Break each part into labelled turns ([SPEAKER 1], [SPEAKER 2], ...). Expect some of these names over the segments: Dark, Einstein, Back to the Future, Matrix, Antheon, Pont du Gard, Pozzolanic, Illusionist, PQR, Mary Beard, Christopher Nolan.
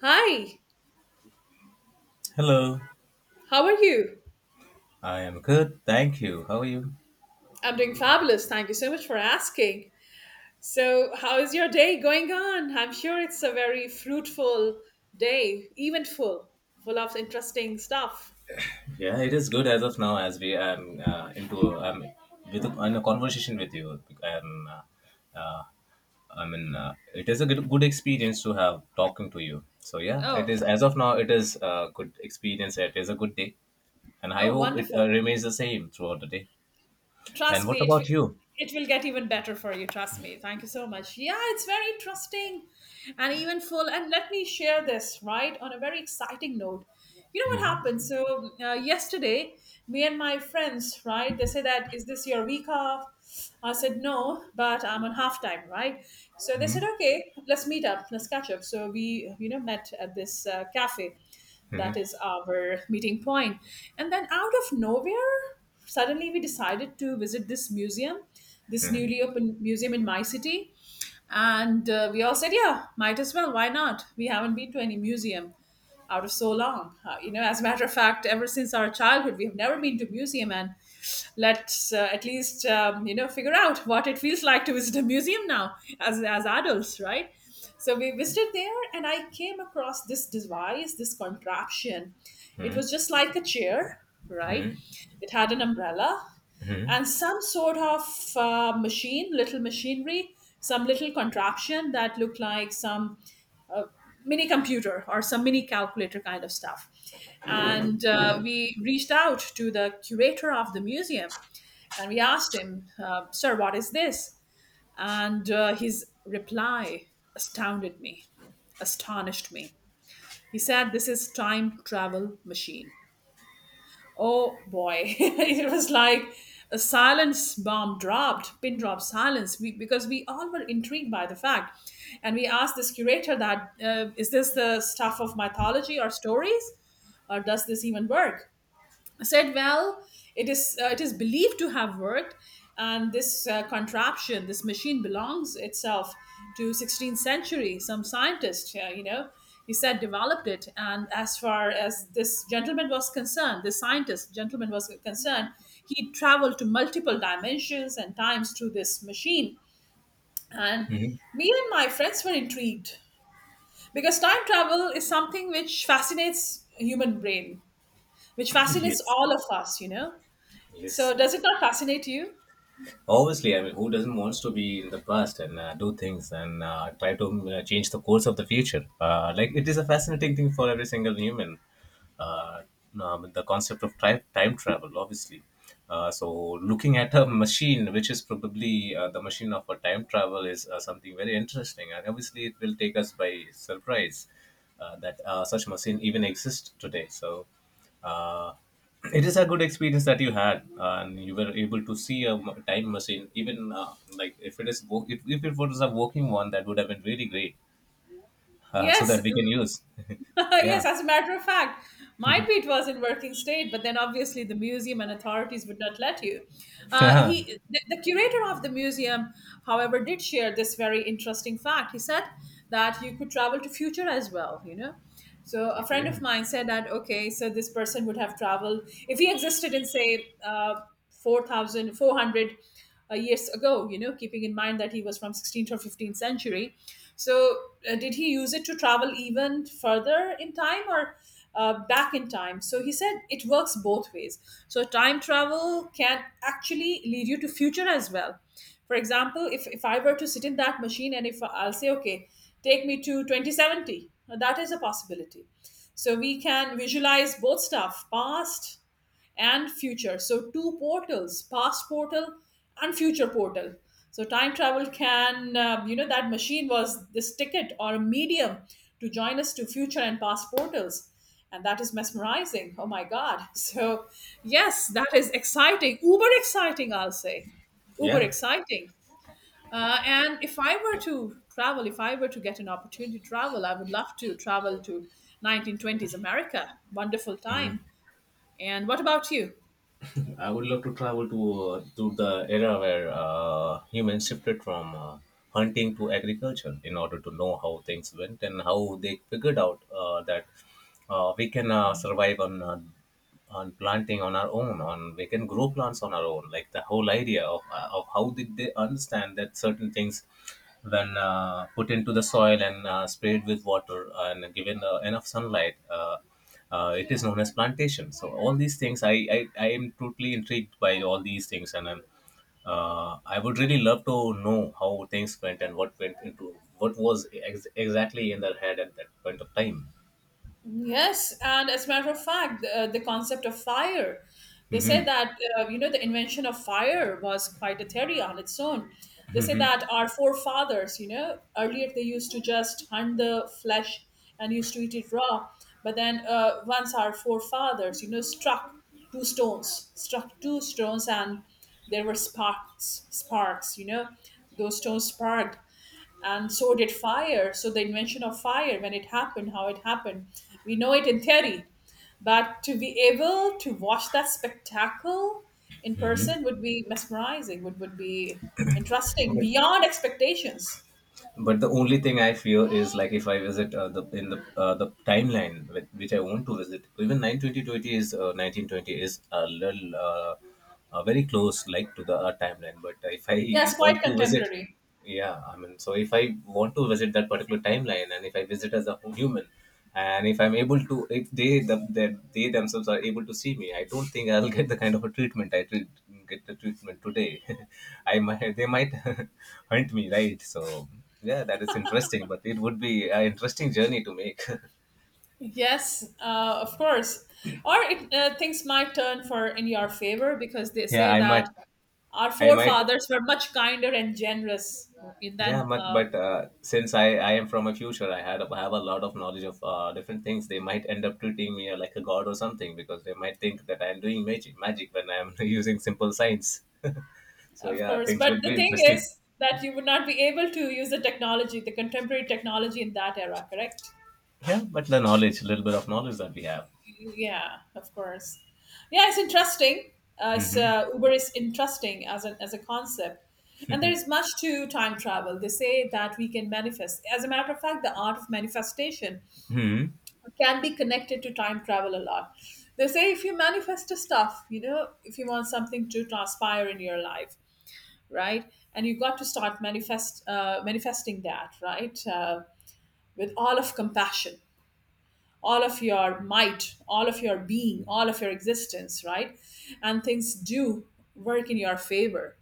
[SPEAKER 1] Hi,
[SPEAKER 2] Hello,
[SPEAKER 1] how are you?
[SPEAKER 2] I am good. Thank you. How are you?
[SPEAKER 1] I'm doing fabulous. Thank you so much for asking. So, how is your day going on? I'm sure it's a very fruitful day, eventful, full of interesting stuff.
[SPEAKER 2] Yeah, it is good as of now. As we am into um with in a conversation with you, and uh, I mean it is a good experience to have talking to you. So yeah, it
[SPEAKER 1] Oh,
[SPEAKER 2] is as of now. It is a good experience. It is a good day, and I
[SPEAKER 1] oh,
[SPEAKER 2] hope it
[SPEAKER 1] wonderful.
[SPEAKER 2] remains the same throughout the day. And
[SPEAKER 1] Trust
[SPEAKER 2] what
[SPEAKER 1] me,
[SPEAKER 2] about you?
[SPEAKER 1] it will get even better for you. Trust me. Thank you so much. Yeah, it's very interesting and even full. And let me share this right on a very exciting note. You know what happened? So yesterday, me and my friends, right? They say that is this your week off? I said no, but I'm on half time, right? So they
[SPEAKER 2] Hmm.
[SPEAKER 1] said okay, let's meet up, let's catch up. So we met at this cafe that
[SPEAKER 2] Hmm.
[SPEAKER 1] is our meeting point. And then out of nowhere suddenly we decided to visit this museum, this
[SPEAKER 2] Hmm.
[SPEAKER 1] newly opened museum in my city. And we all said, yeah, might as well. Why not? We haven't been to any museum out of so long. You know, as a matter of fact, ever since our childhood, we have never been to museum. And let's at least you know figure out what it feels like to visit a museum now as adults, right? So we visited there, and I came across this device, this contraption. It was just like a chair, right?
[SPEAKER 2] Hmm.
[SPEAKER 1] It had an umbrella
[SPEAKER 2] Hmm.
[SPEAKER 1] and some sort of machine, little machinery, some little contraption that looked like some a mini computer or some mini calculator kind of stuff. And we reached out to the curator of the museum and we asked him, sir, what is this? And his reply astounded me, astonished me. He said, "This is time travel machine." Oh boy, it was like a silence bomb dropped, pin drop silence, we, because we all were intrigued by the fact. And we asked this curator that, is this the stuff of mythology or stories? Or does this even work? Said, "Well, it is believed to have worked, and this contraption, this machine, belongs itself to 16th century. Some scientist, he said developed it. And as far as this gentleman was concerned, this scientist gentleman was concerned, he traveled to multiple dimensions and times through this machine. And
[SPEAKER 2] Hmm.
[SPEAKER 1] me and my friends were intrigued because time travel is something which fascinates human brain, which fascinates
[SPEAKER 2] Yes.
[SPEAKER 1] all of us, you know." So,
[SPEAKER 2] Yes.
[SPEAKER 1] does it not fascinate you?
[SPEAKER 2] Obviously, I mean, who doesn't wants to be in the past and do things and try to change the course of the future? Like it is a fascinating thing for every single human. uh, the concept of time travel, obviously. Uh, so, looking at a machine, which is probably the machine of a time travel, is something very interesting. And obviously, it will take us by surprise that such machine even exists today. So, uh, it is a good experience that you had, and you were able to see a time machine. Even like if it is if, it was a working one, that would have been really great, so
[SPEAKER 1] Yes,
[SPEAKER 2] that we can use. Yeah.
[SPEAKER 1] yes. As a matter of fact, my Pete was in working state, but then obviously the museum and authorities would not let you.
[SPEAKER 2] Okay.
[SPEAKER 1] The curator of the museum, however, did share this very interesting fact. He said that you could travel to future as well. You know, so a friend of mine said that okay, so this person would have traveled if he existed in say. 4,400 years ago, you know, keeping in mind that he was from 16th or 15th century. So, did he use it to travel even further in time or back in time? So, he said it works both ways. So, time travel can actually lead you to future as well. For example, if I were to sit in that machine and if I'll say, okay, take me to 2070, that is a possibility. So, we can visualize both stuff, past, and future. So two portals, past portal and future portal. So time travel can, that machine was this ticket or a medium to join us to future and past portals. And that is mesmerizing. Oh my God. So, yes, that is exciting. Uber exciting, I'll say. Uber
[SPEAKER 2] Yeah,
[SPEAKER 1] exciting. And if I were to travel, if I were to get an opportunity to travel, I would love to travel to 1920s America. Wonderful time. And what about you?
[SPEAKER 2] I would love to travel to the era where humans shifted from hunting to agriculture in order to know how things went and how they figured out that we can survive on planting on our own, on we can grow plants on our own. Like the whole idea of how did they understand that certain things when put into the soil and sprayed with water and given enough sunlight, it is known as plantation. So all these things, I am totally intrigued by all these things, and I'm, I would really love to know how things went and what went into what was exactly in their head at that point of time.
[SPEAKER 1] Yes, and as a matter of fact, the concept of fire, they say
[SPEAKER 2] Hmm.
[SPEAKER 1] that you know the invention of fire was quite a theory on its own. They say that our forefathers, you know, earlier they used to just hunt the flesh and used to eat it raw, but then once our forefathers, you know, struck two stones, and there were sparks, you know, those stones sparked and so did fire. So the invention of fire, when it happened, how it happened, we know it in theory, but to be able to watch that spectacle in
[SPEAKER 2] Hmm.
[SPEAKER 1] person would be mesmerizing. Would be interesting
[SPEAKER 2] But
[SPEAKER 1] beyond expectations.
[SPEAKER 2] but the only thing I fear is like if I visit the in the the timeline with which I want to visit. Even nine twenty twenty is 1920 a little very close like to the timeline. But if I
[SPEAKER 1] Yes, quite
[SPEAKER 2] want to visit,
[SPEAKER 1] contemporary.
[SPEAKER 2] yeah, I mean, so if I want to visit that particular timeline, and if I visit as a human, and if I'm able to, if they that they themselves are able to see me, I don't think I'll get the kind of a treatment I treat, get the treatment today. I might, they might hunt me, right? So yeah, that is interesting, but it would be an interesting journey to make.
[SPEAKER 1] Yes, of course. Or it, things might turn for in your favor because they
[SPEAKER 2] Yeah,
[SPEAKER 1] say
[SPEAKER 2] i might
[SPEAKER 1] that our
[SPEAKER 2] i might
[SPEAKER 1] forefathers were much kinder and generous in
[SPEAKER 2] Yeah,
[SPEAKER 1] than
[SPEAKER 2] but but since I am from a future, I have a lot of knowledge of different things. They might end up treating me like a god or something because they might think that I am doing magic when I am using simple science. So
[SPEAKER 1] of
[SPEAKER 2] yeah,
[SPEAKER 1] course.
[SPEAKER 2] things
[SPEAKER 1] But
[SPEAKER 2] would be
[SPEAKER 1] the thing
[SPEAKER 2] interesting.
[SPEAKER 1] is that you would not be able to use the technology, the contemporary technology in that era, correct?
[SPEAKER 2] Yeah, but the knowledge, a little bit of knowledge that we have.
[SPEAKER 1] Yeah, of course. Yeah, it's interesting. Uber is interesting as an as a concept. And there is much to time travel. They say that we can manifest. As a matter of fact, the art of manifestation
[SPEAKER 2] Hmm?
[SPEAKER 1] can be connected to time travel a lot. They say if you manifest a stuff, you know, if you want something to transpire in your life, right? And you've got to start manifesting that, right? With all of compassion, all of your might, all of your being, all of your existence, right? And things do work in your favor.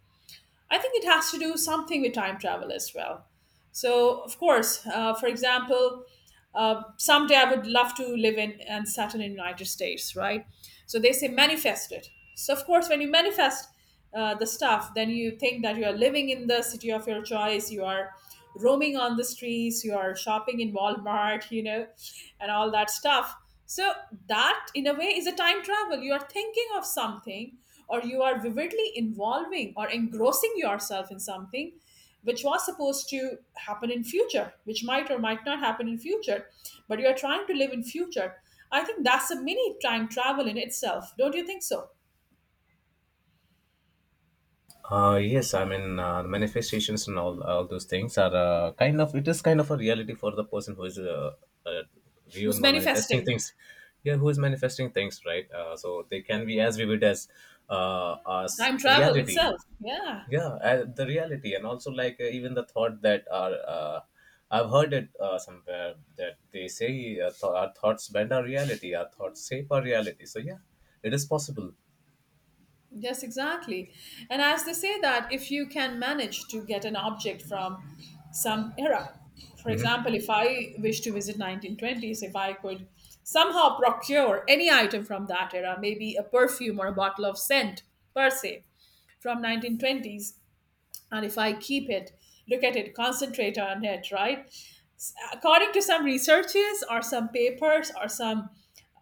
[SPEAKER 1] I think it has to do something with time travel as well. So, of course, for example, someday I would love to live in and settle in United States, right? So they say manifest it. So of course, when you manifest the stuff, then you think that you are living in the city of your choice. You are roaming on the streets. You are shopping in Walmart, you know, and all that stuff. So that, in a way, is a time travel. You are thinking of something, or you are vividly involving or engrossing yourself in something which was supposed to happen in future, which might or might not happen in future, but you are trying to live in future. I think that's a mini time travel in itself, don't you think so? It
[SPEAKER 2] Yes, I mean manifestations and all those things are kind of, it is kind of a reality for the person who is uh,
[SPEAKER 1] was
[SPEAKER 2] viewing or manifesting
[SPEAKER 1] manifesting
[SPEAKER 2] things. Yeah, who is manifesting things, right? So they can be as vivid uh, as
[SPEAKER 1] time travel
[SPEAKER 2] reality.
[SPEAKER 1] itself, yeah.
[SPEAKER 2] Yeah, the reality, and also like even the thought that are I've heard it somewhere that they say our thoughts bend our reality, our thoughts shape our reality. So yeah, it is possible.
[SPEAKER 1] Yes, exactly. And as they say that if you can manage to get an object from some era, for example, if I wish to visit 1920s, if I could somehow procure any item from that era, maybe a perfume or a bottle of scent per se from 1920s, and if I keep it, look at it, concentrate on it, right? According to some researches or some papers or some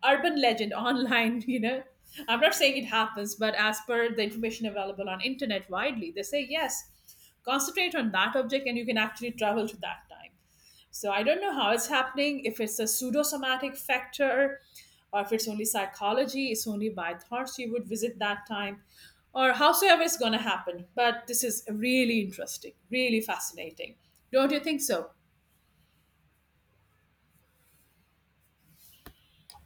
[SPEAKER 1] urban legend online, you know, I'm not saying it happens, but as per the information available on internet widely, they say yes, concentrate on that object and you can actually travel to that time. So I don't know how it's happening, if it's a pseudosomatic factor or if it's only psychology, it's only by thoughts you would visit that time or howsoever it's going to happen. But this is really interesting, really fascinating. Don't you think so?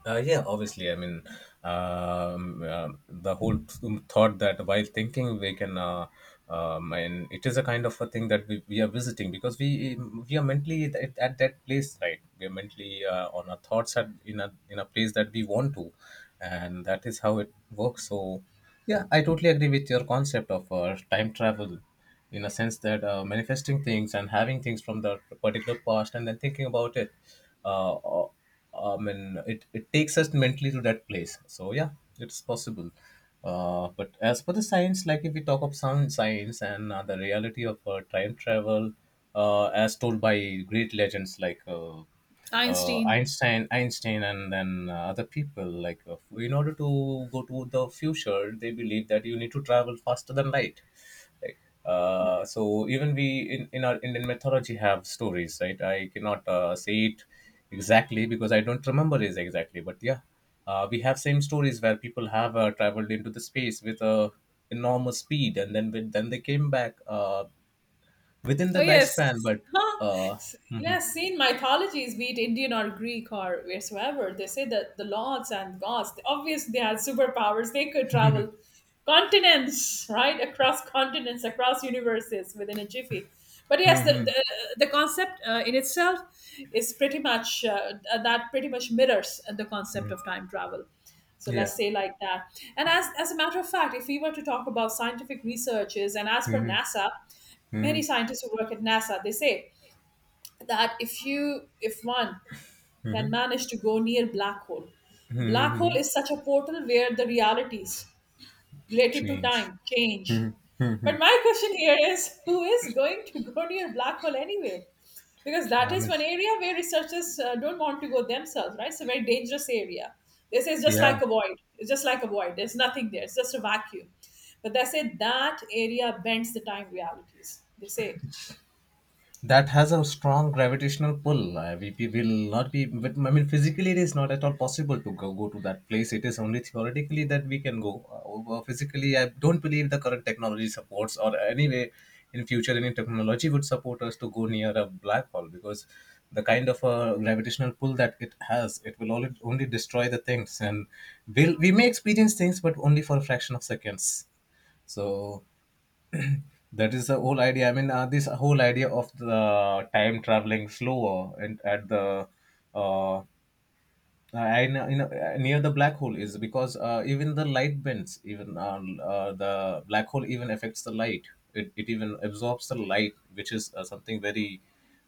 [SPEAKER 2] Yeah, obviously. I mean, the whole thought that while thinking we can, and it is a kind of a thing that we are visiting because we are mentally at that place, right? We are mentally on our thoughts at, in a place that we want to, and that is how it works. So, yeah, I totally agree with your concept of time travel, in a sense that manifesting things and having things from the particular past and then thinking about it. Uh, and it takes us mentally to that place. So yeah, it's possible. But as for the science, like if we talk of sound science and the reality of time travel, as told by great legends like
[SPEAKER 1] Einstein.
[SPEAKER 2] Einstein, and then other people, like in order to go to the future, they believe that you need to travel faster than light, right? So even we in our Indian mythology have stories, right? I cannot say it exactly because I don't remember it exactly, but yeah, we have same stories where people have traveled into the space with a enormous speed, and then then they came back within the
[SPEAKER 1] Oh yes.
[SPEAKER 2] lifespan, but
[SPEAKER 1] Huh.
[SPEAKER 2] uh, mhm.
[SPEAKER 1] Yes, in mythologies, be it Indian or Greek or wheresoever, they say that the lords and gods, obviously they had superpowers, they could travel continents, right? Across continents, across universes within a jiffy. But yes,
[SPEAKER 2] Mhm.
[SPEAKER 1] the concept in itself is pretty much mirrors the concept of time travel. So
[SPEAKER 2] Yeah.
[SPEAKER 1] let's say like that. As a matter of fact, if we were to talk about scientific researches, and as per
[SPEAKER 2] Mhm.
[SPEAKER 1] NASA, many
[SPEAKER 2] Mhm.
[SPEAKER 1] scientists who work at NASA, they say that if one can manage to go near
[SPEAKER 2] Mhm.
[SPEAKER 1] black hole
[SPEAKER 2] Mhm.
[SPEAKER 1] is such a portal where the realities related to
[SPEAKER 2] Change.
[SPEAKER 1] time change. But my question here is who is going to go near black hole anyway? Because that
[SPEAKER 2] I
[SPEAKER 1] is
[SPEAKER 2] mean,
[SPEAKER 1] one area where researchers don't want to go themselves, right? It's a very dangerous area. They say it's just
[SPEAKER 2] yeah.
[SPEAKER 1] like a void. It's just like a void. There's nothing there. It's just a vacuum. But they say that area bends the time realities. They say
[SPEAKER 2] That has a strong gravitational pull. We will not be, but I mean, physically, it is not at all possible to go to that place. It is only theoretically that we can go. Physically, I don't believe the current technology supports, or anyway, in future, any technology would support us to go near a black hole because the kind of gravitational pull that it has, it will only destroy the things, and we may experience things, but only for a fraction of seconds. So that is the whole idea. I mean, this whole idea of the time traveling slower and at the uh, I know, near the black hole is because even the light bends. Even the black hole even affects the light. It even absorbs the light, which is something very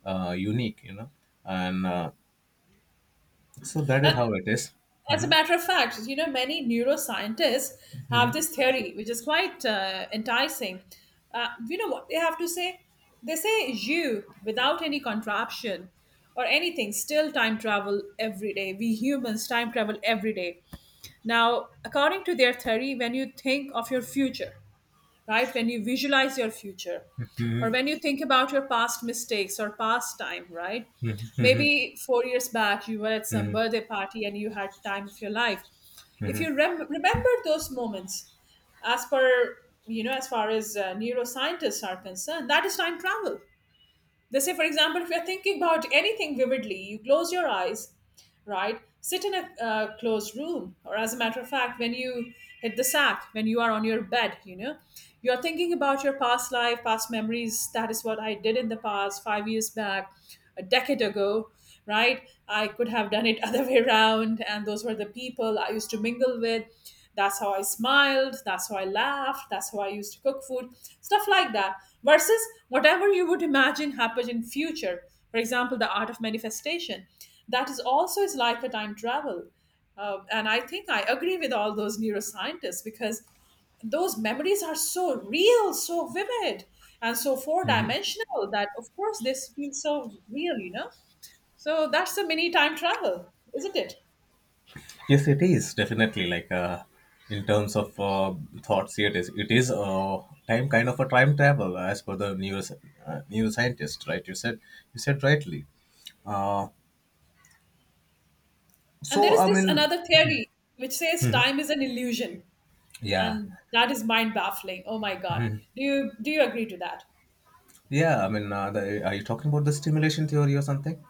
[SPEAKER 2] unique. And so that is how it is.
[SPEAKER 1] as a
[SPEAKER 2] Mhm.
[SPEAKER 1] matter of fact, you know, many neuroscientists have this theory, which is quite enticing. You know what they have to say? They say you, without any contraption or anything, still time travel every day. We humans time travel every day. Now, according to their theory, when you think of your future, right? When you visualize your future or when you think about your past mistakes or past time, right? Maybe 4 years back, you were at some
[SPEAKER 2] Mhm.
[SPEAKER 1] birthday party and you had time of your life. If you remember those moments, as per you know, as far as neuroscientists are concerned, that is time travel. They say, for example, if you're thinking about anything vividly, you close your eyes, right? Sit in a closed room, or as a matter of fact, when you hit the sack, when you are on your bed, you are thinking about your past life, past memories. That is what I did in the past, 5 years back, a decade ago, right? I could have done it other way around, and those were the people I used to mingle with. That's how I smiled. That's how I laughed. That's how I used to cook food, stuff like that. Versus whatever you would imagine happened in future, for example, The Art of Manifestation. That is also is like a time travel. And I think I agree with all those neuroscientists because those memories are so real, so vivid, and so four dimensional that, of course, this feels so real, you know? So that's a mini time travel, isn't it?
[SPEAKER 2] Yes, it is definitely like in terms of thoughts. It is time, kind of a time travel as per the news neuroscientist, right? You said rightly. Uh,
[SPEAKER 1] And there
[SPEAKER 2] so
[SPEAKER 1] is
[SPEAKER 2] I
[SPEAKER 1] this
[SPEAKER 2] mean...
[SPEAKER 1] another theory which says
[SPEAKER 2] Mhm.
[SPEAKER 1] time is an illusion,
[SPEAKER 2] Yeah,
[SPEAKER 1] and that is mind baffling. Oh my God. Do you agree to that?
[SPEAKER 2] yeah. I mean, are you talking about the stimulation theory or something?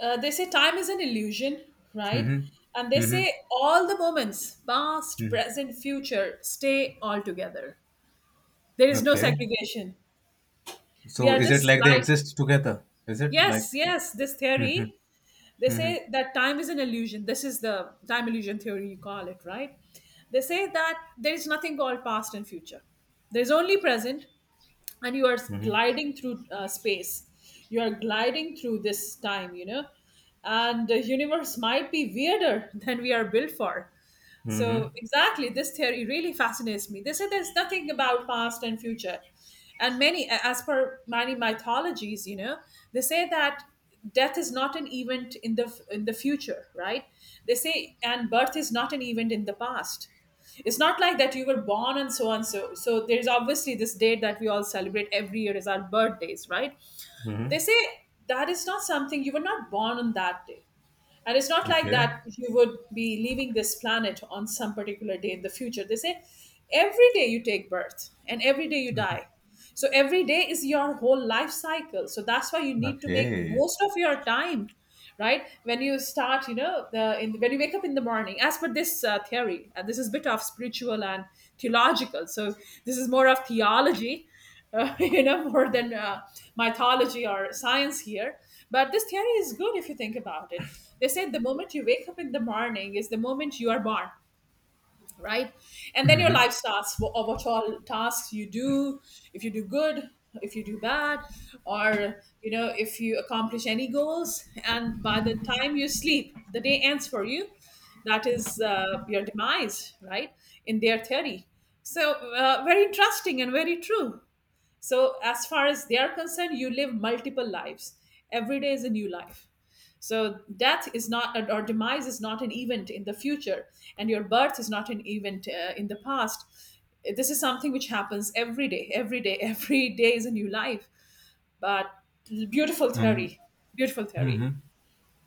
[SPEAKER 1] They say time is an illusion, right? And they
[SPEAKER 2] Mm-hmm.
[SPEAKER 1] say all the moments, past, present, future, stay all together. There is no
[SPEAKER 2] Okay.
[SPEAKER 1] segregation. We
[SPEAKER 2] So
[SPEAKER 1] are
[SPEAKER 2] is it
[SPEAKER 1] just
[SPEAKER 2] like they
[SPEAKER 1] like,
[SPEAKER 2] exist together? Is it like?
[SPEAKER 1] yes, yes, this theory. They say that time is an illusion. This is the time illusion theory, you call it, right? They say that there is nothing called past and future. There is only present, and you are
[SPEAKER 2] Hmm.
[SPEAKER 1] gliding through space, you are gliding through this time. And the universe might be weirder than we are built for
[SPEAKER 2] Hmm.
[SPEAKER 1] so exactly, this theory really fascinates me. They say there's nothing about past and future, and many, as per many mythologies, you know, they say that death is not an event in the future, right? They say, and birth is not an event in the past. It's not like that you were born and so on so. So there's obviously this date that we all celebrate every year is our birthdays, right? They
[SPEAKER 2] Hmm.
[SPEAKER 1] say that is not something. You were not born on that day, and it's not like
[SPEAKER 2] Okay.
[SPEAKER 1] that you would be leaving this planet on some particular day in the future. They say every day you take birth and every day you die. So every day is your whole life cycle, so that's why you need to make
[SPEAKER 2] Okay.
[SPEAKER 1] most of your time, right? When you start, when you wake up in the morning, as per this theory, and this is a bit of spiritual and theological. So this is more of theology, more than mythology or science here. But this theory is good if you think about it. They say the moment you wake up in the morning is the moment you are born, right? And then your life starts, of what all tasks you do. If you do good, if you do bad, or you know, if you accomplish any goals, and by the time you sleep, the day ends for you. That is your demise, right? In their theory. So very interesting and very true. So, as far as they are concerned, you live multiple lives. Every day is a new life. So, death is not, or demise is not an event in the future, and your birth is not an event in the past. This is something which happens every day, every day is a new life. But beautiful
[SPEAKER 2] Um.
[SPEAKER 1] theory, beautiful theory.
[SPEAKER 2] Hmm.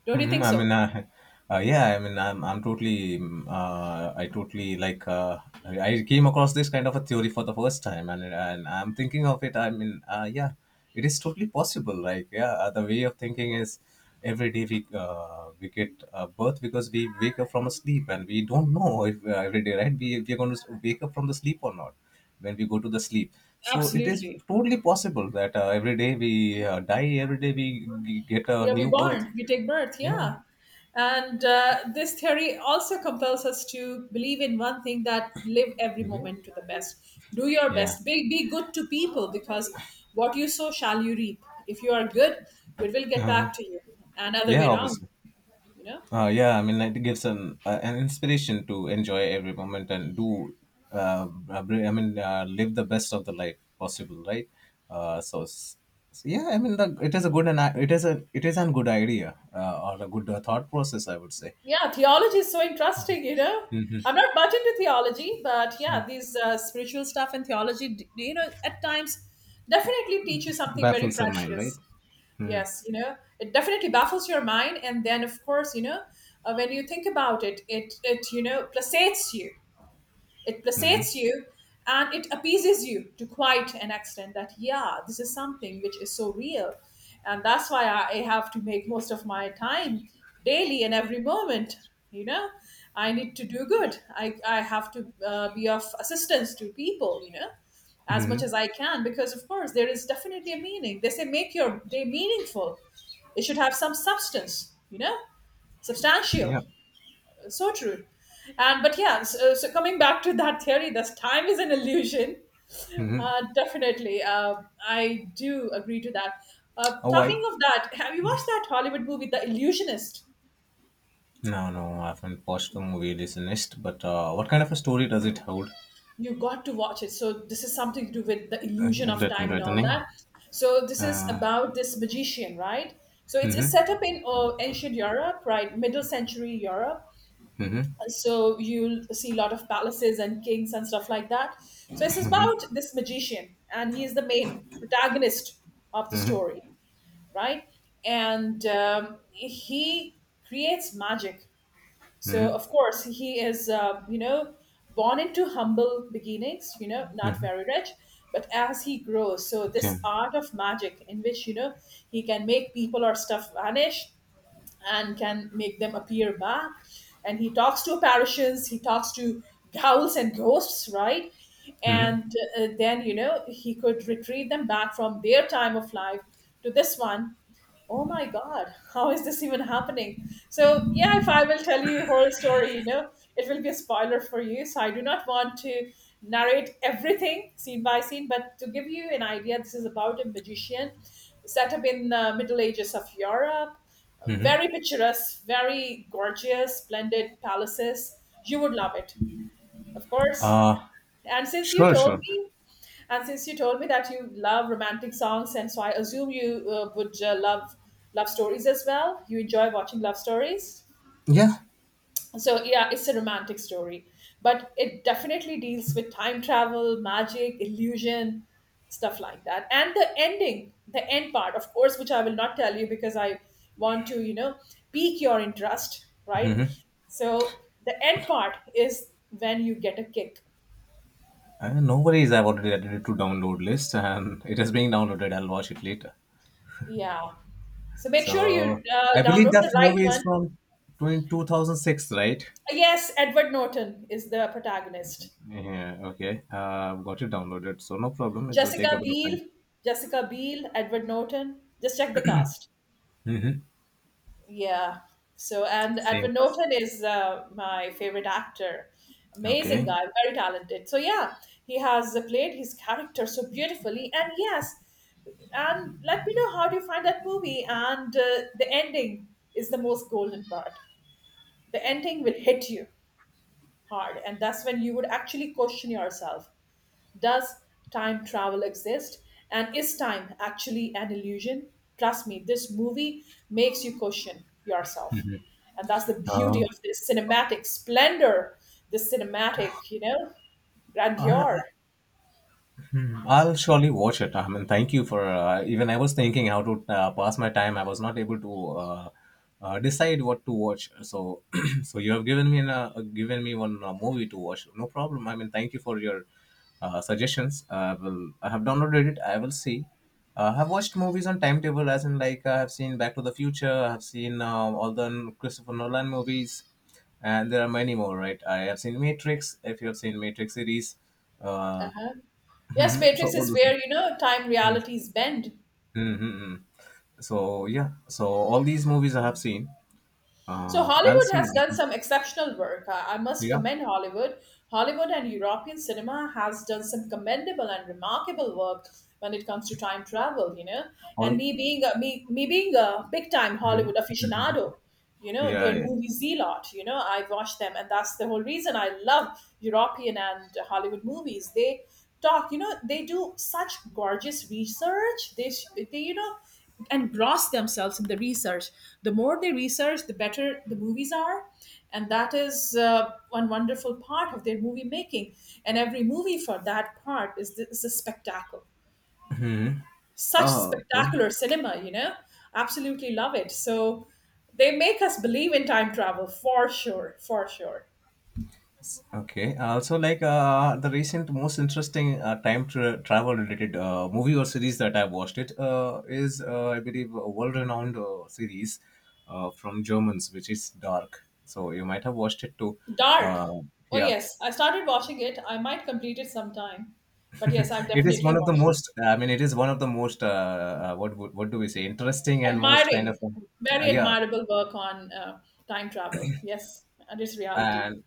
[SPEAKER 1] Don't you
[SPEAKER 2] Hmm.
[SPEAKER 1] think
[SPEAKER 2] I
[SPEAKER 1] so?
[SPEAKER 2] mean, yeah, I mean, I totally like, I came across this kind of a theory for the first time, and I'm thinking of it. I mean, yeah, it is totally possible. Like, yeah, the way of thinking is every day we get birth because we wake up from a sleep, and we don't know if every day, right? We are going to wake up from the sleep or not when we go to the sleep. So it is
[SPEAKER 1] Absolutely.
[SPEAKER 2] totally possible that every day we die, every day we get a
[SPEAKER 1] Yeah, we
[SPEAKER 2] new birth.
[SPEAKER 1] born, we take birth,
[SPEAKER 2] Yeah.
[SPEAKER 1] yeah. And this theory also compels us to believe in one thing that live every moment to the best. Do your
[SPEAKER 2] Yeah.
[SPEAKER 1] best. Be good to people because what you sow shall you reap. If you are good, good will get
[SPEAKER 2] Uh-huh.
[SPEAKER 1] back to you. And other
[SPEAKER 2] Yeah,
[SPEAKER 1] way around,
[SPEAKER 2] obviously.
[SPEAKER 1] you know?
[SPEAKER 2] Yeah, I mean, like, it gives an inspiration to enjoy every moment and do, I mean, live the best of the life possible, right? Uh, so, s- so yeah, I mean, it is a good, and it is an good idea or a good thought process, I would say.
[SPEAKER 1] Yeah, theology is so interesting, you know?
[SPEAKER 2] Mm-hmm.
[SPEAKER 1] I'm not much into theology, but yeah, these spiritual stuff and theology, at times definitely teach you something very
[SPEAKER 2] Baffles our mind, right?
[SPEAKER 1] precious.
[SPEAKER 2] Mm-hmm.
[SPEAKER 1] Yes, you know, it definitely baffles your mind, and then of course, you know, when you think about it, it placates you. It
[SPEAKER 2] Mm-hmm.
[SPEAKER 1] placates you and it appeases you to quite an extent that, yeah, this is something which is so real. And that's why I have to make most of my time daily and every moment. You know, I need to do good. I have to be of assistance to people, you know, as
[SPEAKER 2] Mm-hmm.
[SPEAKER 1] much as I can, because of course there is definitely a meaning. They say make your day meaningful, it should have some substance, you know, substantial.
[SPEAKER 2] Yeah.
[SPEAKER 1] So true. And but yeah, so coming back to that theory, this time is an illusion.
[SPEAKER 2] Mm-hmm.
[SPEAKER 1] Definitely, I do agree to that. Uh,
[SPEAKER 2] Oh,
[SPEAKER 1] talking
[SPEAKER 2] I
[SPEAKER 1] of that, have you watched that Hollywood movie, The Illusionist?
[SPEAKER 2] No, no, I haven't watched the movie Illusionist, but what kind of a story does it hold?
[SPEAKER 1] You got to watch it. So this is something to do with the
[SPEAKER 2] Uh,
[SPEAKER 1] illusion of
[SPEAKER 2] let me
[SPEAKER 1] time and
[SPEAKER 2] write the
[SPEAKER 1] all
[SPEAKER 2] name.
[SPEAKER 1] that. So this is
[SPEAKER 2] Uh,
[SPEAKER 1] about this magician, right? So it's
[SPEAKER 2] mm-hmm,
[SPEAKER 1] set up in ancient Europe, right, middle century Europe,
[SPEAKER 2] mm-hmm,
[SPEAKER 1] so you'll see a lot of palaces and kings and stuff like that. So it's about this magician and he is the main protagonist of the
[SPEAKER 2] mm-hmm,
[SPEAKER 1] story, right? And he creates magic. So
[SPEAKER 2] mm-hmm,
[SPEAKER 1] of course he is born into humble beginnings, you know, not very rich. But as he grows, so
[SPEAKER 2] okay.
[SPEAKER 1] this art of magic in which, you know, he can make people or stuff vanish and can make them appear back. And he talks to apparitions, he talks to ghouls and ghosts, right?
[SPEAKER 2] Mm-hmm.
[SPEAKER 1] And then, he could retrieve them back from their time of life to this one. Oh my god, how is this even happening? So yeah, if I will tell you a whole story, you know, it will be a spoiler for you, so I do not want to narrate everything scene by scene, but to give you an idea, this is about a magician set up in the middle ages of Europe, very picturesque, very gorgeous splendid palaces, you would love it, of course.
[SPEAKER 2] Uh,
[SPEAKER 1] And since you
[SPEAKER 2] sure,
[SPEAKER 1] told
[SPEAKER 2] sure.
[SPEAKER 1] me and since you told me that you love romantic songs, and so I assume you would love stories as well. You enjoy watching love stories.
[SPEAKER 2] Yeah,
[SPEAKER 1] So yeah, it's a romantic story, but it definitely deals with time travel, magic, illusion, stuff like that. And the ending, the end part, of course, which I will not tell you because I want to, you know, pique your interest, right? So the end part is when you get a kick.
[SPEAKER 2] no worries. I've already added it to download list and it is being downloaded. I'll watch it later.
[SPEAKER 1] Yeah. So make sure you
[SPEAKER 2] So, I believe
[SPEAKER 1] download
[SPEAKER 2] that
[SPEAKER 1] the right
[SPEAKER 2] movie is
[SPEAKER 1] one.
[SPEAKER 2] from 2006, right?
[SPEAKER 1] Yes, Edward Norton is the protagonist.
[SPEAKER 2] Yeah, okay. I've got it downloaded, so no problem. It will take a
[SPEAKER 1] Jessica
[SPEAKER 2] bit of time.
[SPEAKER 1] Biel, Jessica Biel, Edward Norton. Just check the cast.
[SPEAKER 2] Mm-hmm.
[SPEAKER 1] Yeah. So, and
[SPEAKER 2] Same
[SPEAKER 1] Edward
[SPEAKER 2] class.
[SPEAKER 1] Norton is my favorite actor. Amazing
[SPEAKER 2] Okay.
[SPEAKER 1] guy, very talented. So, yeah, he has played his character so beautifully. And yes, and let me know how do you find that movie. And the ending is the most golden part. The ending will hit you hard, and that's when you would actually question yourself. Does time travel exist? And is time actually an illusion? Trust me, this movie makes you question yourself. And that's the
[SPEAKER 2] Uh,
[SPEAKER 1] beauty of this cinematic splendor, this cinematic, you know,
[SPEAKER 2] Uh,
[SPEAKER 1] grandeur.
[SPEAKER 2] I'll surely watch it. I mean, thank you for even I was thinking how to pass my time. I was not able to decide what to watch. So, so you have given me one movie to watch. No problem. I mean, thank you for your suggestions. I will. I have downloaded it. I will see. I've watched movies on timetable, as in like I have seen Back to the Future. I have seen all the Christopher Nolan movies, and there are many more, right? I have seen Matrix. If you have seen Matrix series, uh,
[SPEAKER 1] Yes,
[SPEAKER 2] mhm. So
[SPEAKER 1] Matrix
[SPEAKER 2] all
[SPEAKER 1] is
[SPEAKER 2] the
[SPEAKER 1] where, you know, time realities bend.
[SPEAKER 2] mm-hmm. So yeah, so all these movies I have seen.
[SPEAKER 1] So
[SPEAKER 2] I'll
[SPEAKER 1] Hollywood
[SPEAKER 2] see
[SPEAKER 1] has done
[SPEAKER 2] this.
[SPEAKER 1] some exceptional work. I must
[SPEAKER 2] Yeah,
[SPEAKER 1] commend Hollywood. Hollywood and European cinema has done some commendable and remarkable work when it comes to time travel. You know, and
[SPEAKER 2] all.
[SPEAKER 1] me being a big time
[SPEAKER 2] Mhm.
[SPEAKER 1] Hollywood
[SPEAKER 2] Mhm.
[SPEAKER 1] aficionado, you know,
[SPEAKER 2] Yeah,
[SPEAKER 1] their
[SPEAKER 2] yeah.
[SPEAKER 1] movies a lot. You know, I watch them, and that's the whole reason I love European and Hollywood movies. They talk you know they do such gorgeous research, they engross themselves in the research, the more they research the better the movies are, and that is one wonderful part of their movie making, and every movie for that part is is a spectacle,
[SPEAKER 2] Mhm.
[SPEAKER 1] such
[SPEAKER 2] Oh, okay.
[SPEAKER 1] spectacular cinema, you know, absolutely love it. So they make us believe in time travel for sure, for sure.
[SPEAKER 2] Okay. Also, like the recent most interesting travel related movie or series that I watched it is I believe a world renowned series from Germans, which is Dark. So you might have watched it too.
[SPEAKER 1] Dark.
[SPEAKER 2] Uh,
[SPEAKER 1] Oh
[SPEAKER 2] yeah.
[SPEAKER 1] yes, I started watching it. I might complete it sometime, but yes, I'm
[SPEAKER 2] it is
[SPEAKER 1] definitely
[SPEAKER 2] one
[SPEAKER 1] a
[SPEAKER 2] of the
[SPEAKER 1] watch.
[SPEAKER 2] most I mean it is one of the most what do we say, interesting and most kind of
[SPEAKER 1] Admiring, very
[SPEAKER 2] yeah.
[SPEAKER 1] admirable work on time travel. Yes, and its reality.
[SPEAKER 2] And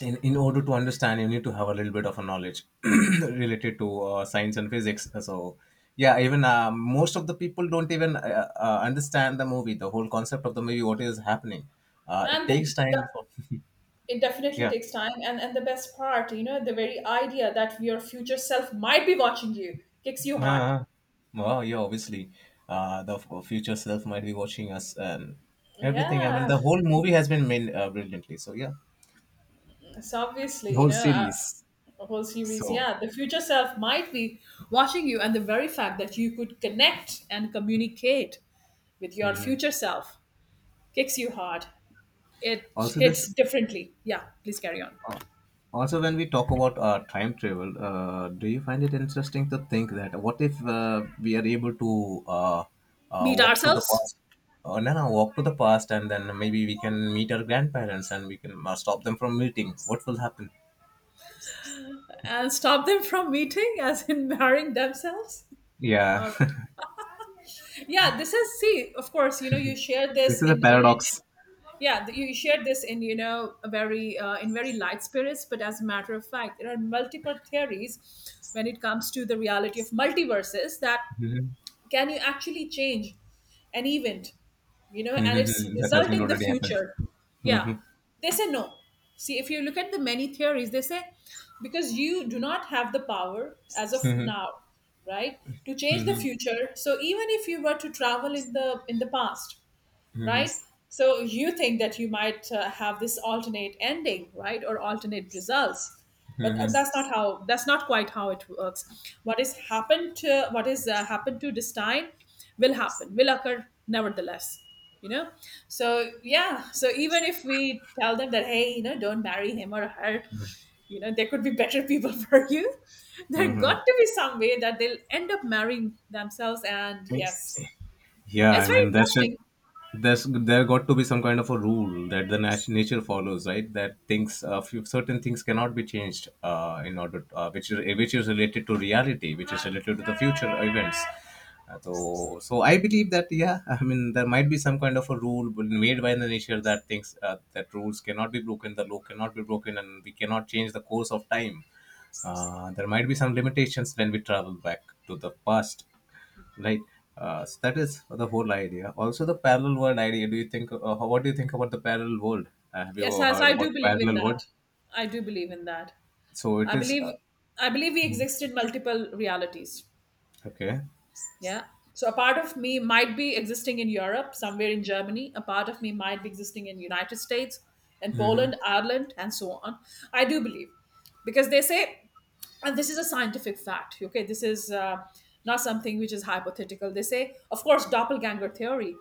[SPEAKER 2] in order to understand, you need to have a little bit of a knowledge related to science and physics. So yeah, even most of the people don't even understand the movie, the whole concept of the movie, what is happening. It
[SPEAKER 1] And
[SPEAKER 2] takes
[SPEAKER 1] the
[SPEAKER 2] time for
[SPEAKER 1] it definitely
[SPEAKER 2] yeah.
[SPEAKER 1] takes time. And the best part, you know, the very idea that your future self might be watching you kicks you hard.
[SPEAKER 2] Uh, wow! Yeah, obviously, future self might be watching us and everything. I mean,
[SPEAKER 1] Yeah,
[SPEAKER 2] the whole movie has been made brilliantly. So yeah,
[SPEAKER 1] it's
[SPEAKER 2] the
[SPEAKER 1] obviously,
[SPEAKER 2] whole series.
[SPEAKER 1] a whole series.
[SPEAKER 2] So
[SPEAKER 1] Yeah, the future self might be watching you, and the very fact that you could connect and communicate with your
[SPEAKER 2] hmm
[SPEAKER 1] future self kicks you hard. It
[SPEAKER 2] also this,
[SPEAKER 1] hits differently. Yeah, please carry on.
[SPEAKER 2] uh, also when we talk about time travel, do you find it interesting to think that what if we are able to
[SPEAKER 1] Meet
[SPEAKER 2] walk to the
[SPEAKER 1] ourselves
[SPEAKER 2] past? No, no, walk to the past, and then maybe we can meet our grandparents, and we can stop them from meeting. What will happen?
[SPEAKER 1] and stop them from meeting, as in marrying themselves.
[SPEAKER 2] Yeah.
[SPEAKER 1] Um, yeah, this is see. Of course, you know you shared this
[SPEAKER 2] This is a
[SPEAKER 1] in
[SPEAKER 2] paradox.
[SPEAKER 1] yeah, you shared this, in you know, a very in very light spirits. But as a matter of fact, there are multiple theories when it comes to the reality of multiverses that
[SPEAKER 2] Mhm.
[SPEAKER 1] can you actually change an event, you know, and its
[SPEAKER 2] Mhm. That has
[SPEAKER 1] result
[SPEAKER 2] been
[SPEAKER 1] in the
[SPEAKER 2] already happened.
[SPEAKER 1] future. Yeah,
[SPEAKER 2] Mhm.
[SPEAKER 1] they say no. See, if you look at the many theories, they say because you do not have the power as of
[SPEAKER 2] Mhm.
[SPEAKER 1] now, right, to change the
[SPEAKER 2] Mhm.
[SPEAKER 1] future, so even if you were to travel in the past,
[SPEAKER 2] Mhm.
[SPEAKER 1] right? So you think that you might have this alternate ending, right, or alternate results, but
[SPEAKER 2] Mhm.
[SPEAKER 1] that's not how. That's not quite how it works. What is happened to what is happened to this time will happen, will occur nevertheless. You know, so yeah, so even if we tell them that, hey, you know, don't marry him or her, you know, there could be better people for you. There
[SPEAKER 2] Mhm.
[SPEAKER 1] got to be some way that they'll end up marrying themselves, and yes,
[SPEAKER 2] Yeah,
[SPEAKER 1] it's
[SPEAKER 2] I
[SPEAKER 1] very
[SPEAKER 2] mean that should
[SPEAKER 1] interesting.
[SPEAKER 2] there got to be some kind of a rule that the nature follows, right? That things, few, certain things cannot be changed in order, which is related to reality, which is related to the future events. So, so I believe that yeah, I mean there might be some kind of a rule made by the nature that things that rules cannot be broken, the law cannot be broken, and we cannot change the course of time. There might be some limitations when we travel back to the past, right? So that is the whole idea. Also the parallel world idea, do you think what do you think about the parallel world? Have
[SPEAKER 1] Yes,
[SPEAKER 2] you
[SPEAKER 1] yes,
[SPEAKER 2] heard
[SPEAKER 1] I do
[SPEAKER 2] about
[SPEAKER 1] believe in
[SPEAKER 2] parallel world?
[SPEAKER 1] that. I do believe in that.
[SPEAKER 2] So it
[SPEAKER 1] I
[SPEAKER 2] is
[SPEAKER 1] believe I believe we exist in multiple realities.
[SPEAKER 2] okay.
[SPEAKER 1] Yeah. So a part of me might be existing in Europe, somewhere in Germany. A part of me might be existing in United States, in
[SPEAKER 2] Hmm.
[SPEAKER 1] Poland, Ireland, and so on. I do believe, because they say, and this is a scientific fact. Okay, this is not something which is hypothetical. They say, of course, doppelganger theory.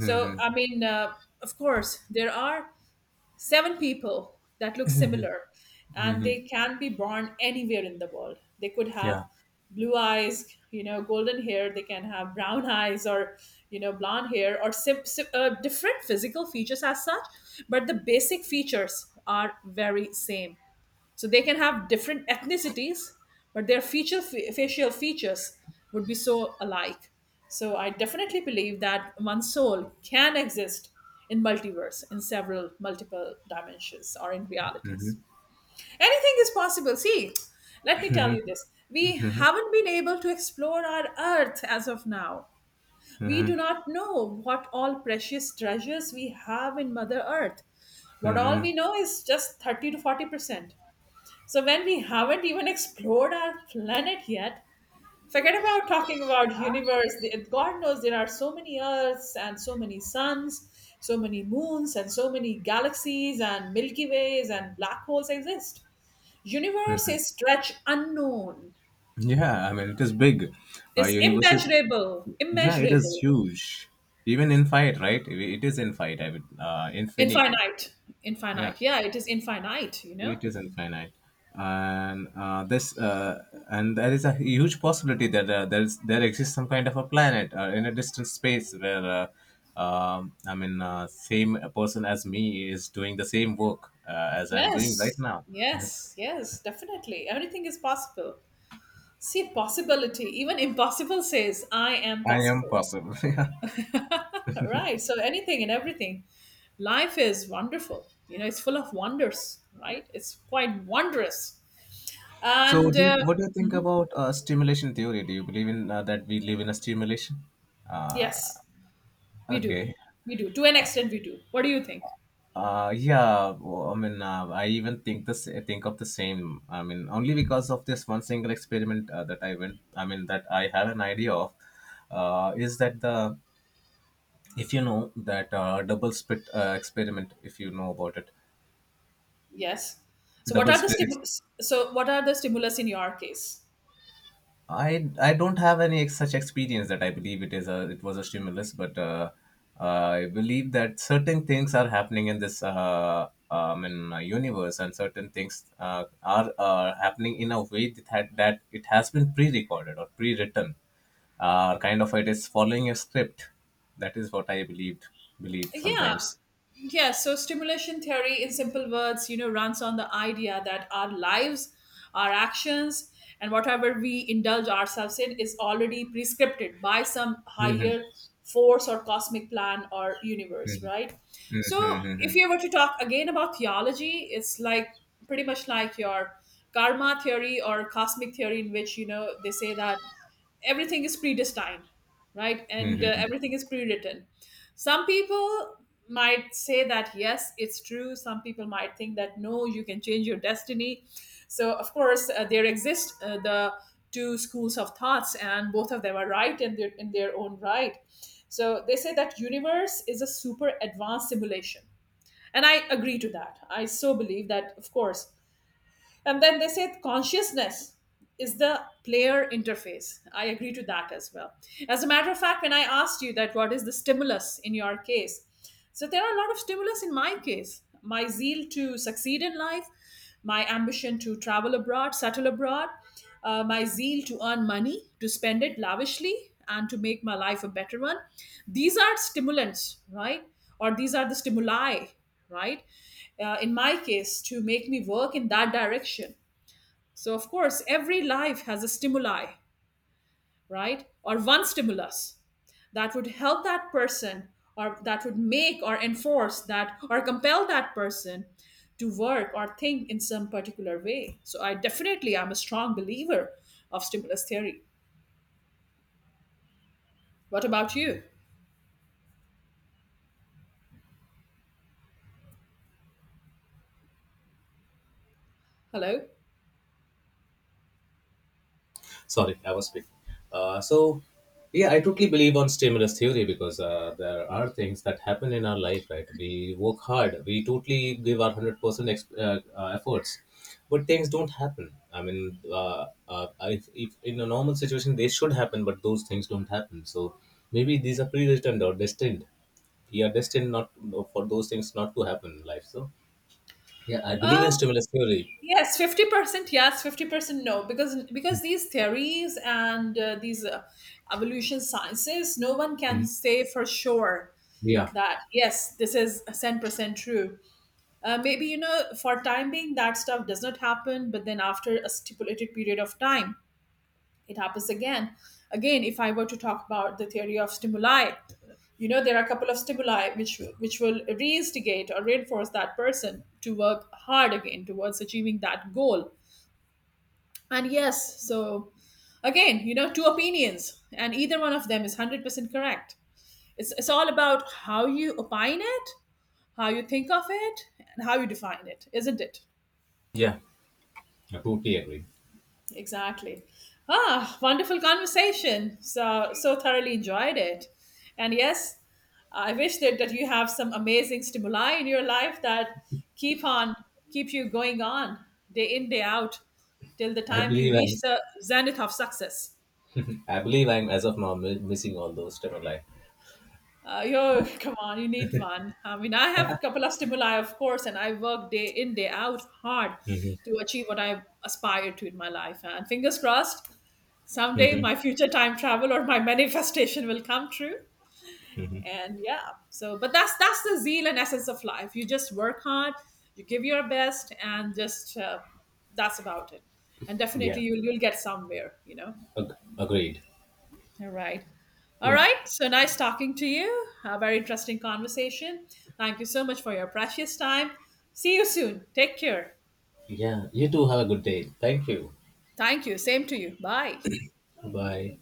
[SPEAKER 1] So I mean, of course, there are seven people that look similar, and
[SPEAKER 2] Hmm.
[SPEAKER 1] they can be born anywhere in the world. They could have
[SPEAKER 2] Yeah.
[SPEAKER 1] blue eyes, you know, golden hair. They can have brown eyes, or you know, blonde hair, or different physical features as such, but the basic features are very same. So they can have different ethnicities, but their feature facial features would be so alike. So I definitely believe that one soul can exist in multiverse, in several multiple dimensions or in realities. Anything is possible. See, let me tell you this. We haven't been able to explore our earth as of now. We
[SPEAKER 2] Hmm.
[SPEAKER 1] do not know what all precious treasures we have in Mother Earth. What all we
[SPEAKER 2] Hmm.
[SPEAKER 1] know is just 30 to 40%. So when we haven't even explored our planet yet, forget about talking about universe. God knows there are so many Earths and so many suns, so many moons and so many galaxies and Milky Ways and black holes exist. Universe is stretch unknown,
[SPEAKER 2] Yeah, I mean it is big.
[SPEAKER 1] is
[SPEAKER 2] Universe is,
[SPEAKER 1] immeasurable,
[SPEAKER 2] yeah, it is
[SPEAKER 1] immeasurable,
[SPEAKER 2] huge. Even infinite, right? It is infinite. I mean infinity,
[SPEAKER 1] infinite,
[SPEAKER 2] yeah.
[SPEAKER 1] infinite. Yeah, it is infinite. You know.
[SPEAKER 2] It is infinite, and this and there is a huge possibility that there exists some kind of a planet in a distant space where I mean same person as me is doing the same work as I'm doing right
[SPEAKER 1] Yes,
[SPEAKER 2] now.
[SPEAKER 1] yes, yes, definitely. Everything is possible. See, possibility, even impossible says, I am
[SPEAKER 2] I am
[SPEAKER 1] possible.
[SPEAKER 2] possible. yeah.
[SPEAKER 1] Right. So anything and everything. Life is wonderful. You know, it's full of wonders, right? It's quite wondrous.
[SPEAKER 2] So,
[SPEAKER 1] And
[SPEAKER 2] what do you think
[SPEAKER 1] mhm,
[SPEAKER 2] about stimulation theory? Do you believe in that we live in a stimulation? Uh,
[SPEAKER 1] yes, we do.
[SPEAKER 2] okay.
[SPEAKER 1] We do. To an extent, we do. What do you think?
[SPEAKER 2] Yeah, I mean, I even think this. Think of the same. I mean, only because of this one single experiment that I went. I mean, that I had an idea of, is that the if you know that double split experiment, if you know about it,
[SPEAKER 1] Yes. So what
[SPEAKER 2] double
[SPEAKER 1] are the
[SPEAKER 2] split
[SPEAKER 1] stimulus? So what are the stimulus in your case?
[SPEAKER 2] I don't have any such experience that I believe it was a stimulus, but I believe that certain things are happening in this in universe, and certain things are happening in a way that that it has been pre-recorded or pre-written, kind of it is following a script. That is what I believe
[SPEAKER 1] Yeah,
[SPEAKER 2] sometimes.
[SPEAKER 1] yeah, so stimulation theory, in simple words, you know, runs on the idea that our lives, our actions, and whatever we indulge ourselves in is already prescripted by some
[SPEAKER 2] Mhm.
[SPEAKER 1] higher force or cosmic plan or universe,
[SPEAKER 2] Mhm.
[SPEAKER 1] right? So,
[SPEAKER 2] Mhm.
[SPEAKER 1] if
[SPEAKER 2] Mhm.
[SPEAKER 1] you were to talk again about theology, it's like pretty much like your karma theory or cosmic theory, in which, you know, they say that everything is predestined, right, and
[SPEAKER 2] Mhm.
[SPEAKER 1] everything is pre-written. Some people might say that yes, it's true. Some people might think that no, you can change your destiny. So of course, there exist the two schools of thoughts, and both of them are right in their own right. So they say that universe is a super advanced simulation, and I agree to that. I So, believe that, of course. And then they say consciousness is the player interface. I agree to that as well. As a matter of fact, when I asked you that what is the stimulus in your case, so there are a lot of stimulus in my case. My zeal to succeed in life, my ambition to travel abroad, settle abroad, my zeal to earn money, to spend it lavishly, and to make my life a better one. These are stimulants, right? Or these are the stimuli, right? In my case, to make me work in that direction. So, of course, every life has a stimuli, right? Or one stimulus that would help that person, or that would make or enforce that, or compel that person to work or think in some particular way. So, I definitely am a strong believer of stimulus theory. What about you? Hello?
[SPEAKER 2] Sorry, I was speaking. Uh, so, yeah, I totally believe on stimulus theory because there are things that happen in our life, right? We work hard, we totally give our 100% efforts, but things don't happen. I mean, if in a normal situation, they should happen, but those things don't happen. So, maybe these are predestined or destined. We are destined not for those things not to happen in life. So, yeah, I believe in
[SPEAKER 1] Um,
[SPEAKER 2] stimulus theory.
[SPEAKER 1] Yes, 50% yes, 50% no, because these theories and these evolution sciences, no one can
[SPEAKER 2] Mhm.
[SPEAKER 1] say for sure
[SPEAKER 2] Yeah,
[SPEAKER 1] that yes, this is 10% true. Maybe you know for time being that stuff does not happen, but then after a stipulated period of time it happens again. Again, if I were to talk about the theory of stimuli, you know there are a couple of stimuli which will reinstigate or reinforce that person to work hard again towards achieving that goal. And yes, so again, you know, two opinions, and either one of them is 100% correct. It's all about how you opine it, how you think of it, and how you define it, isn't it?
[SPEAKER 2] yeah, I totally agree.
[SPEAKER 1] Exactly. Ah, wonderful conversation. So, so thoroughly enjoyed it. And yes, I wish that, that you have some amazing stimuli in your life that keep on, keep you going on, day in, day out, till the
[SPEAKER 2] I
[SPEAKER 1] time you
[SPEAKER 2] believe
[SPEAKER 1] reach
[SPEAKER 2] as
[SPEAKER 1] the zenith of success.
[SPEAKER 2] I believe I'm as of now missing all those stimuli.
[SPEAKER 1] Yo, come on, you need one. I mean, I have a couple of stimuli, of course, and I work day in, day out hard
[SPEAKER 2] Mm-hmm.
[SPEAKER 1] to achieve what I aspire to in my life. And fingers crossed, someday
[SPEAKER 2] Hmm.
[SPEAKER 1] my future time travel or my manifestation will come true.
[SPEAKER 2] Hmm.
[SPEAKER 1] And yeah, so but that's the zeal and essence of life. You just work hard, you give your best, and just that's about it. And
[SPEAKER 2] Yeah.
[SPEAKER 1] definitely, you'll get somewhere, you know.
[SPEAKER 2] Agreed.
[SPEAKER 1] All right. All
[SPEAKER 2] Yeah.
[SPEAKER 1] right. So nice talking to you. A very interesting conversation. Thank you so much for your precious time. See you soon. Take care.
[SPEAKER 2] Yeah, you too, have a good day. Thank you.
[SPEAKER 1] Thank you. Same to you. Bye.
[SPEAKER 2] Bye.